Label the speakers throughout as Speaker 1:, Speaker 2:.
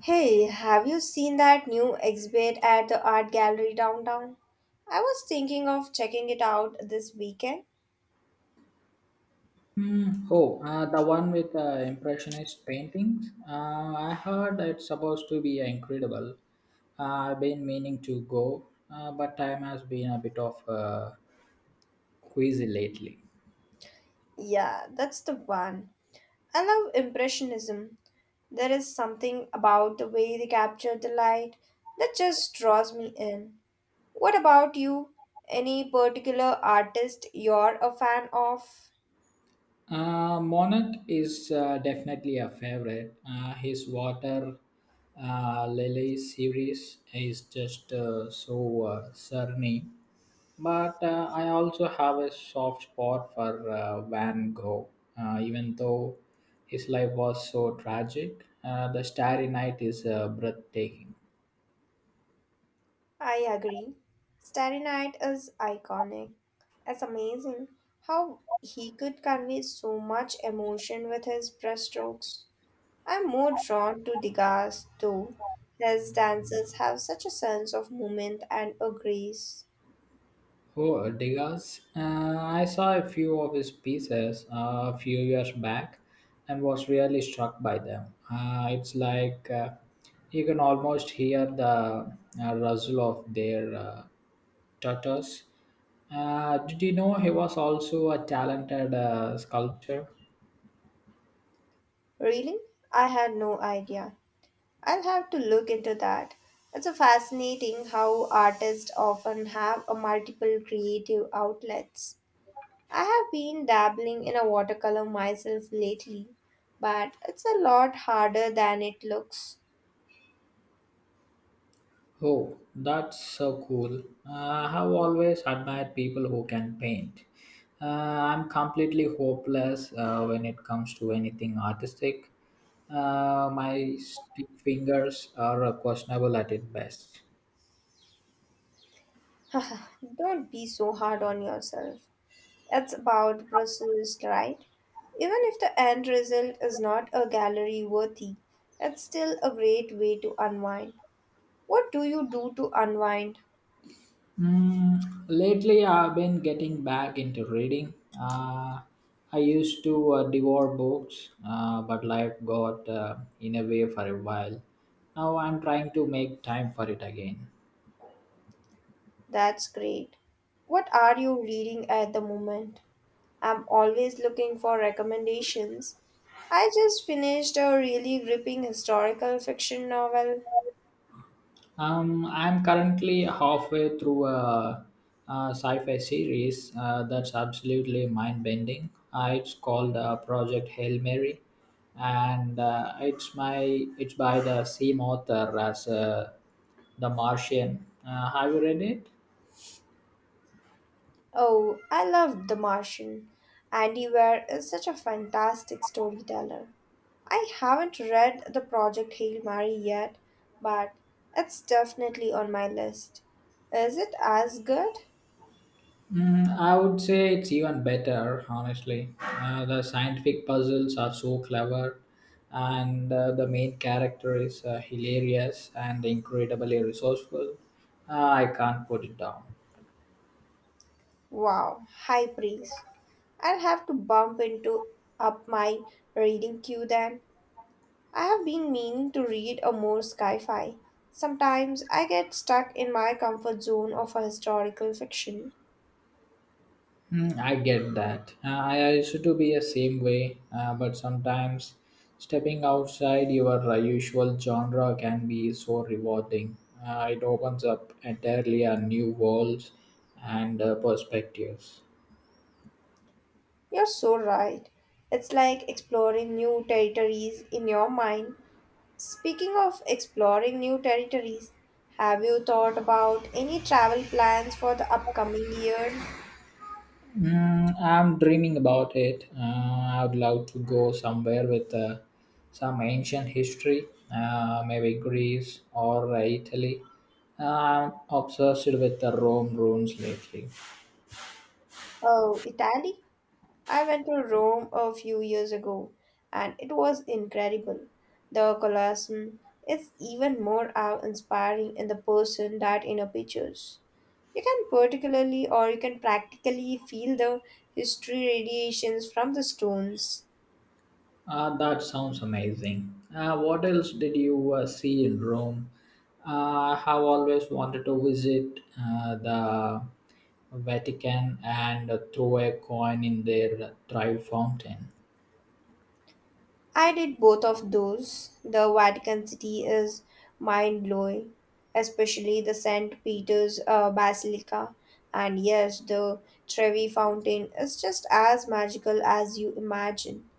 Speaker 1: Hey, have you seen that new exhibit at the art gallery downtown? I was thinking of checking it out this weekend.
Speaker 2: Hmm. Oh, the one with impressionist paintings. I heard it's supposed to be incredible. I've been meaning to go, but time has been a bit of queasy lately.
Speaker 1: Yeah, that's the one. I love Impressionism. There is something about the way they capture the light that just draws me in. What about you? Any particular artist you're a fan of?
Speaker 2: Monarch is definitely a favorite. His water lily series is just so serene. But I also have a soft spot for Van Gogh, even though his life was so tragic. The Starry Night is breathtaking.
Speaker 1: I agree. Starry Night is iconic. It's amazing how he could convey so much emotion with his brushstrokes. I'm more drawn to Degas though. His dances have such a sense of movement and a grace.
Speaker 2: Oh, Degas. I saw a few of his pieces a few years back and was really struck by them. It's like you can almost hear the rustle of their tatters. Did you know he was also a talented sculptor?
Speaker 1: Really? I had no idea. I'll have to look into that. It's a fascinating how artists often have a multiple creative outlets. I have been dabbling in a watercolor myself lately, but it's a lot harder than it looks.
Speaker 2: Oh, that's so cool. Uh, I have always admired people who can paint. I'm completely hopeless when it comes to anything artistic. My stick fingers are questionable at its best.
Speaker 1: Don't be so hard on yourself. It's about the process, right? Even if the end result is not a gallery worthy, it's still a great way to unwind. What do you do to unwind?
Speaker 2: Mm, lately, I've been getting back into reading. Uh, I used to devour books, but life got in a way for a while. Now I'm trying to make time for it again.
Speaker 1: That's great. What are you reading at the moment? I'm always looking for recommendations. I just finished a really gripping historical fiction novel.
Speaker 2: I'm currently halfway through a sci-fi series that's absolutely mind-bending. It's called Project Hail Mary, and it's by the same author as The Martian. Have you read it?
Speaker 1: Oh, I loved The Martian. Andy Weir is such a fantastic storyteller. I haven't read the Project Hail Mary yet, but it's definitely on my list. Is it as good?
Speaker 2: Mm, I would say it's even better, honestly. The scientific puzzles are so clever, and the main character is hilarious and incredibly resourceful. I can't put it down.
Speaker 1: Wow, high praise. I'll have to bump into up my reading queue then. I have been meaning to read a more sci-fi. Sometimes I get stuck in my comfort zone of a historical fiction.
Speaker 2: Mm, I get that. I used to be a same way, but sometimes stepping outside your usual genre can be so rewarding. It opens up entirely a new worlds and perspectives.
Speaker 1: You're so right. It's like exploring new territories in your mind. Speaking of exploring new territories, have you thought about any travel plans for the upcoming year?
Speaker 2: Mm, I'm dreaming about it. I'd love to go somewhere with some ancient history, maybe Greece or Italy. I'm obsessed with the Rome ruins lately.
Speaker 1: Oh, Italy? I went to Rome a few years ago and it was incredible. The Colosseum is even more awe inspiring in the person that in a pictures. You can particularly or you can practically feel the history radiations from the stones.
Speaker 2: That sounds amazing. What else did you see in Rome? I have always wanted to visit the Vatican and throw a coin in their Trevi fountain.
Speaker 1: I did both of those. The Vatican City is mind blowing, especially the St. Peter's Basilica. And yes, the Trevi Fountain is just as magical as you imagine.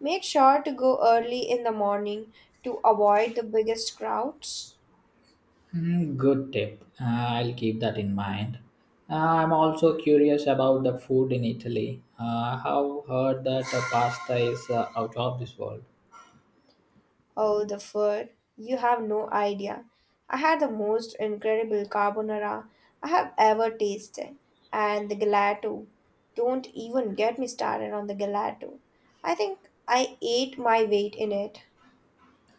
Speaker 1: Make sure to go early in the morning to avoid the biggest crowds.
Speaker 2: Hmm. Good tip. I'll keep that in mind. I'm also curious about the food in Italy. I have heard that the pasta is out of this world.
Speaker 1: Oh, the food. You have no idea. I had the most incredible carbonara I have ever tasted. And the gelato. Don't even get me started on the gelato. I think I ate my weight in it.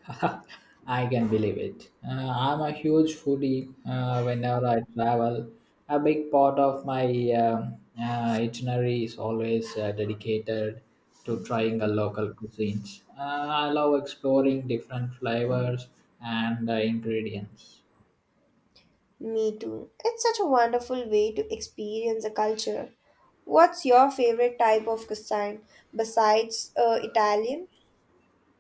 Speaker 2: I can believe it. I'm a huge foodie. Whenever I travel, a big part of my itinerary is always dedicated to trying the local cuisines. I love exploring different flavors and ingredients.
Speaker 1: Me too. It's such a wonderful way to experience a culture. What's your favorite type of cuisine besides Italian?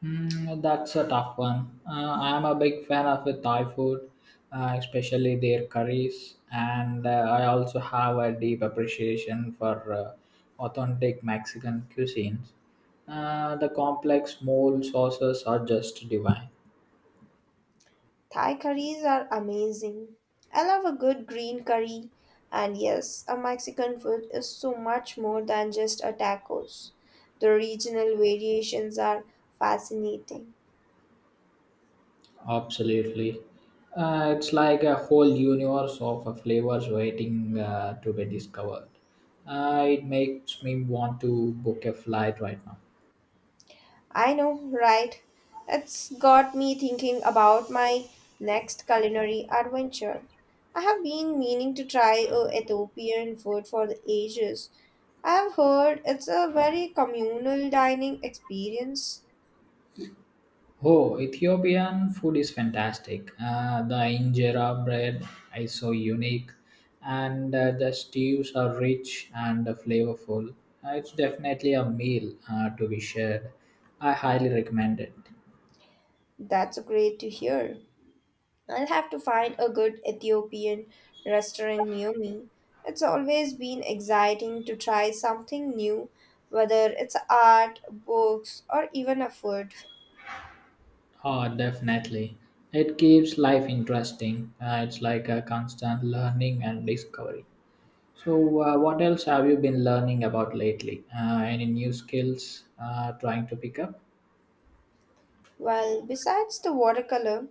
Speaker 2: Mm, that's a tough one. I am a big fan of the Thai food, especially their curries, and I also have a deep appreciation for authentic Mexican cuisines. The complex mole sauces are just divine.
Speaker 1: Thai curries are amazing. I love a good green curry. And yes, a Mexican food is so much more than just a tacos. The regional variations are fascinating.
Speaker 2: Absolutely. It's like a whole universe of flavors waiting to be discovered. It makes me want to book a flight right now.
Speaker 1: I know, right? It's got me thinking about my next culinary adventure. I have been meaning to try Ethiopian food for the ages. I have heard it's a very communal dining experience.
Speaker 2: Oh, Ethiopian food is fantastic. The injera bread is so unique, and the stews are rich and flavorful. It's definitely a meal to be shared. I highly recommend it.
Speaker 1: That's great to hear. I'll have to find a good Ethiopian restaurant near me. It's always been exciting to try something new, whether it's art, books, or even a food.
Speaker 2: Oh, definitely. It keeps life interesting. It's like a constant learning and discovery. So, what else have you been learning about lately? Any new skills trying to pick up?
Speaker 1: Well, besides the watercolor,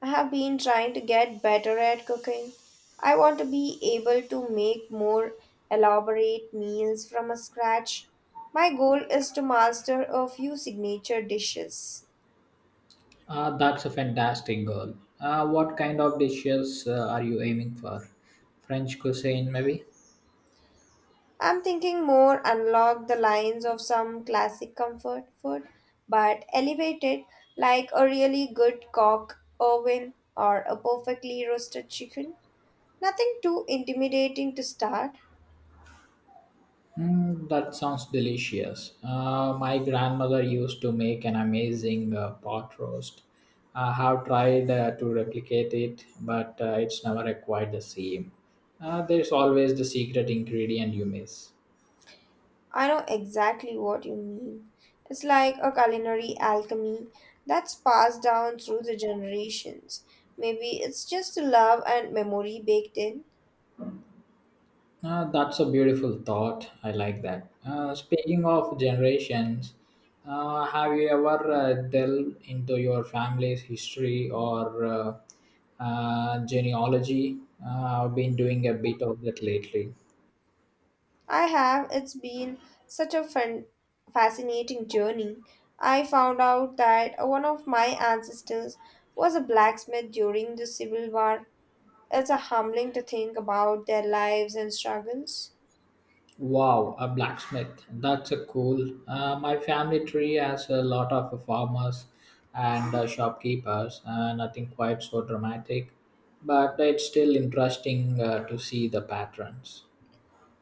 Speaker 1: I have been trying to get better at cooking. I want to be able to make more elaborate meals from scratch. My goal is to master a few signature dishes.
Speaker 2: That's a fantastic goal. What kind of dishes are you aiming for? French cuisine, maybe?
Speaker 1: I'm thinking more unlock the lines of some classic comfort food, but elevated like a really good cock oven or a perfectly roasted chicken. Nothing too intimidating to start.
Speaker 2: Mm, that sounds delicious. My grandmother used to make an amazing pot roast. I have tried to replicate it, but it's never quite the same. There's always the secret ingredient you miss.
Speaker 1: I know exactly what you mean. It's like a culinary alchemy that's passed down through the generations. Maybe it's just love and memory baked in.
Speaker 2: That's a beautiful thought. I like that. Speaking of generations, have you ever delved into your family's history or genealogy? I've been doing a bit of that lately.
Speaker 1: I have. It's been such a fun, fascinating journey. I found out that one of my ancestors was a blacksmith during the Civil War. It's a humbling to think about their lives and struggles.
Speaker 2: Wow, a blacksmith. That's a cool. My family tree has a lot of farmers and shopkeepers. Nothing quite so dramatic, but it's still interesting to see the patterns.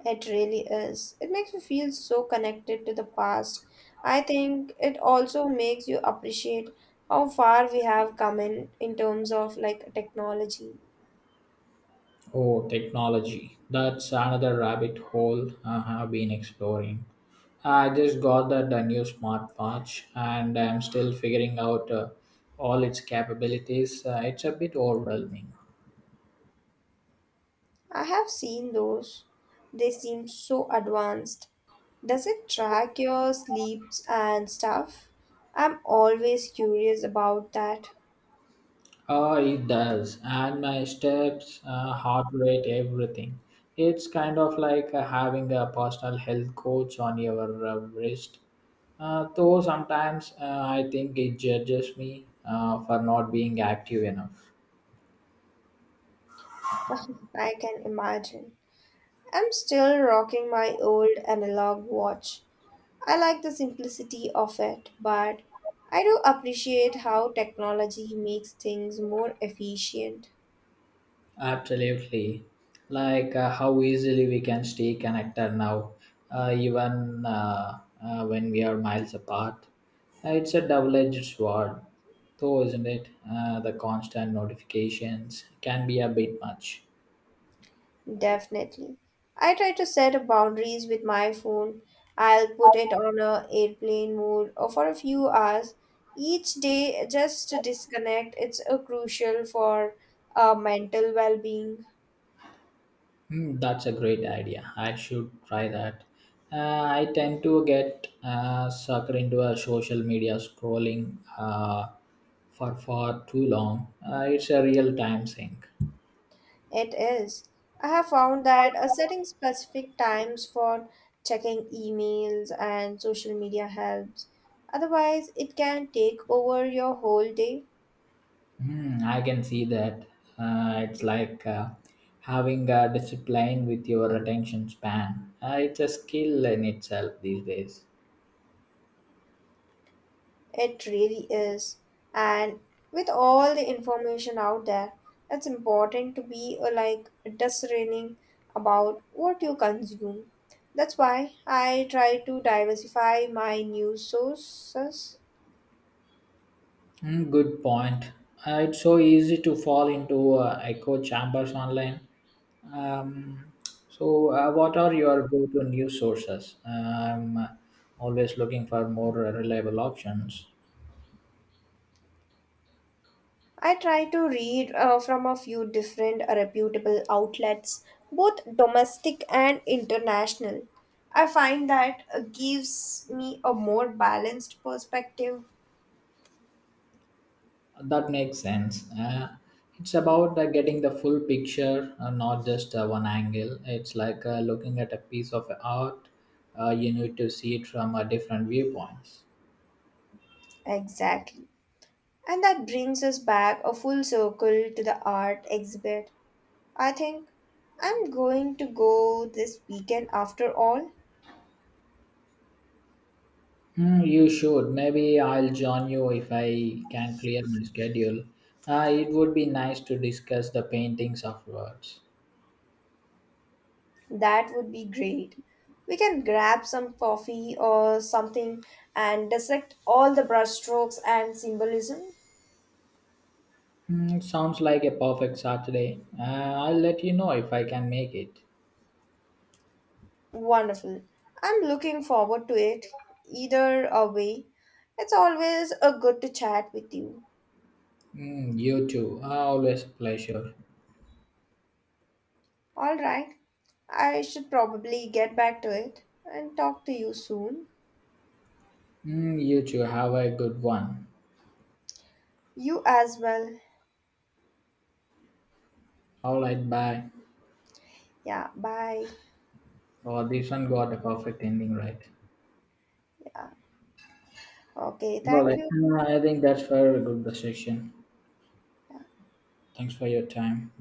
Speaker 1: It really is. It makes you feel so connected to the past. I think it also makes you appreciate how far we have come in terms of like technology.
Speaker 2: Oh, technology. That's another rabbit hole I have been exploring. I just got that new smartwatch and I'm still figuring out all its capabilities. It's a bit overwhelming.
Speaker 1: I have seen those. They seem so advanced. Does it track your sleeps and stuff? I'm always curious about that.
Speaker 2: Oh, it does. And my steps, heart rate, everything. It's kind of like having a personal health coach on your wrist. Though sometimes I think it judges me for not being active enough.
Speaker 1: I can imagine. I'm still rocking my old analog watch. I like the simplicity of it, but I do appreciate how technology makes things more efficient.
Speaker 2: Absolutely. Like how easily we can stay connected now, even when we are miles apart. It's a double edged sword, though, isn't it? The constant notifications can be a bit much.
Speaker 1: Definitely. I try to set boundaries with my phone. I'll put it on a airplane mode or for a few hours each day just to disconnect. It's a crucial for mental well-being.
Speaker 2: Hmm, that's a great idea. I should try that. I tend to get sucked into a social media scrolling for far too long. It's a real time sink.
Speaker 1: It is. I have found that setting specific times for checking emails and social media helps. Otherwise, it can take over your whole day.
Speaker 2: Hmm, I can see that. It's like having a discipline with your attention span. It's a skill in itself these days.
Speaker 1: It really is. And with all the information out there, it's important to be like discerning about what you consume. That's why I try to diversify my news sources.
Speaker 2: Hmm, good point. It's so easy to fall into echo chambers online. Um, so, what are your go to news sources? I'm always looking for more reliable options.
Speaker 1: I try to read from a few different reputable outlets, both domestic and international. I find that gives me a more balanced perspective.
Speaker 2: That makes sense. It's about getting the full picture, not just one angle. It's like looking at a piece of art. You need to see it from different viewpoints.
Speaker 1: Exactly. And that brings us back a full circle to the art exhibit. I think I'm going to go this weekend after all.
Speaker 2: Hmm, you should. Maybe I'll join you if I can clear my schedule. It would be nice to discuss the paintings afterwards.
Speaker 1: That would be great. We can grab some coffee or something and dissect all the brushstrokes and symbolism.
Speaker 2: Hmm, sounds like a perfect Saturday. I'll let you know if I can make it.
Speaker 1: Wonderful. I'm looking forward to it. Either a way, it's always a good to chat with you.
Speaker 2: Hmm, you too. Always a pleasure.
Speaker 1: All right. I should probably get back to it and talk to you soon.
Speaker 2: Mm, you two have a good one.
Speaker 1: You as well.
Speaker 2: All right, bye.
Speaker 1: Yeah, bye.
Speaker 2: Oh, this one got a perfect ending, right?
Speaker 1: Yeah. Okay,
Speaker 2: All
Speaker 1: thank
Speaker 2: right.
Speaker 1: you.
Speaker 2: I think that's very good discussion. Thanks for your time.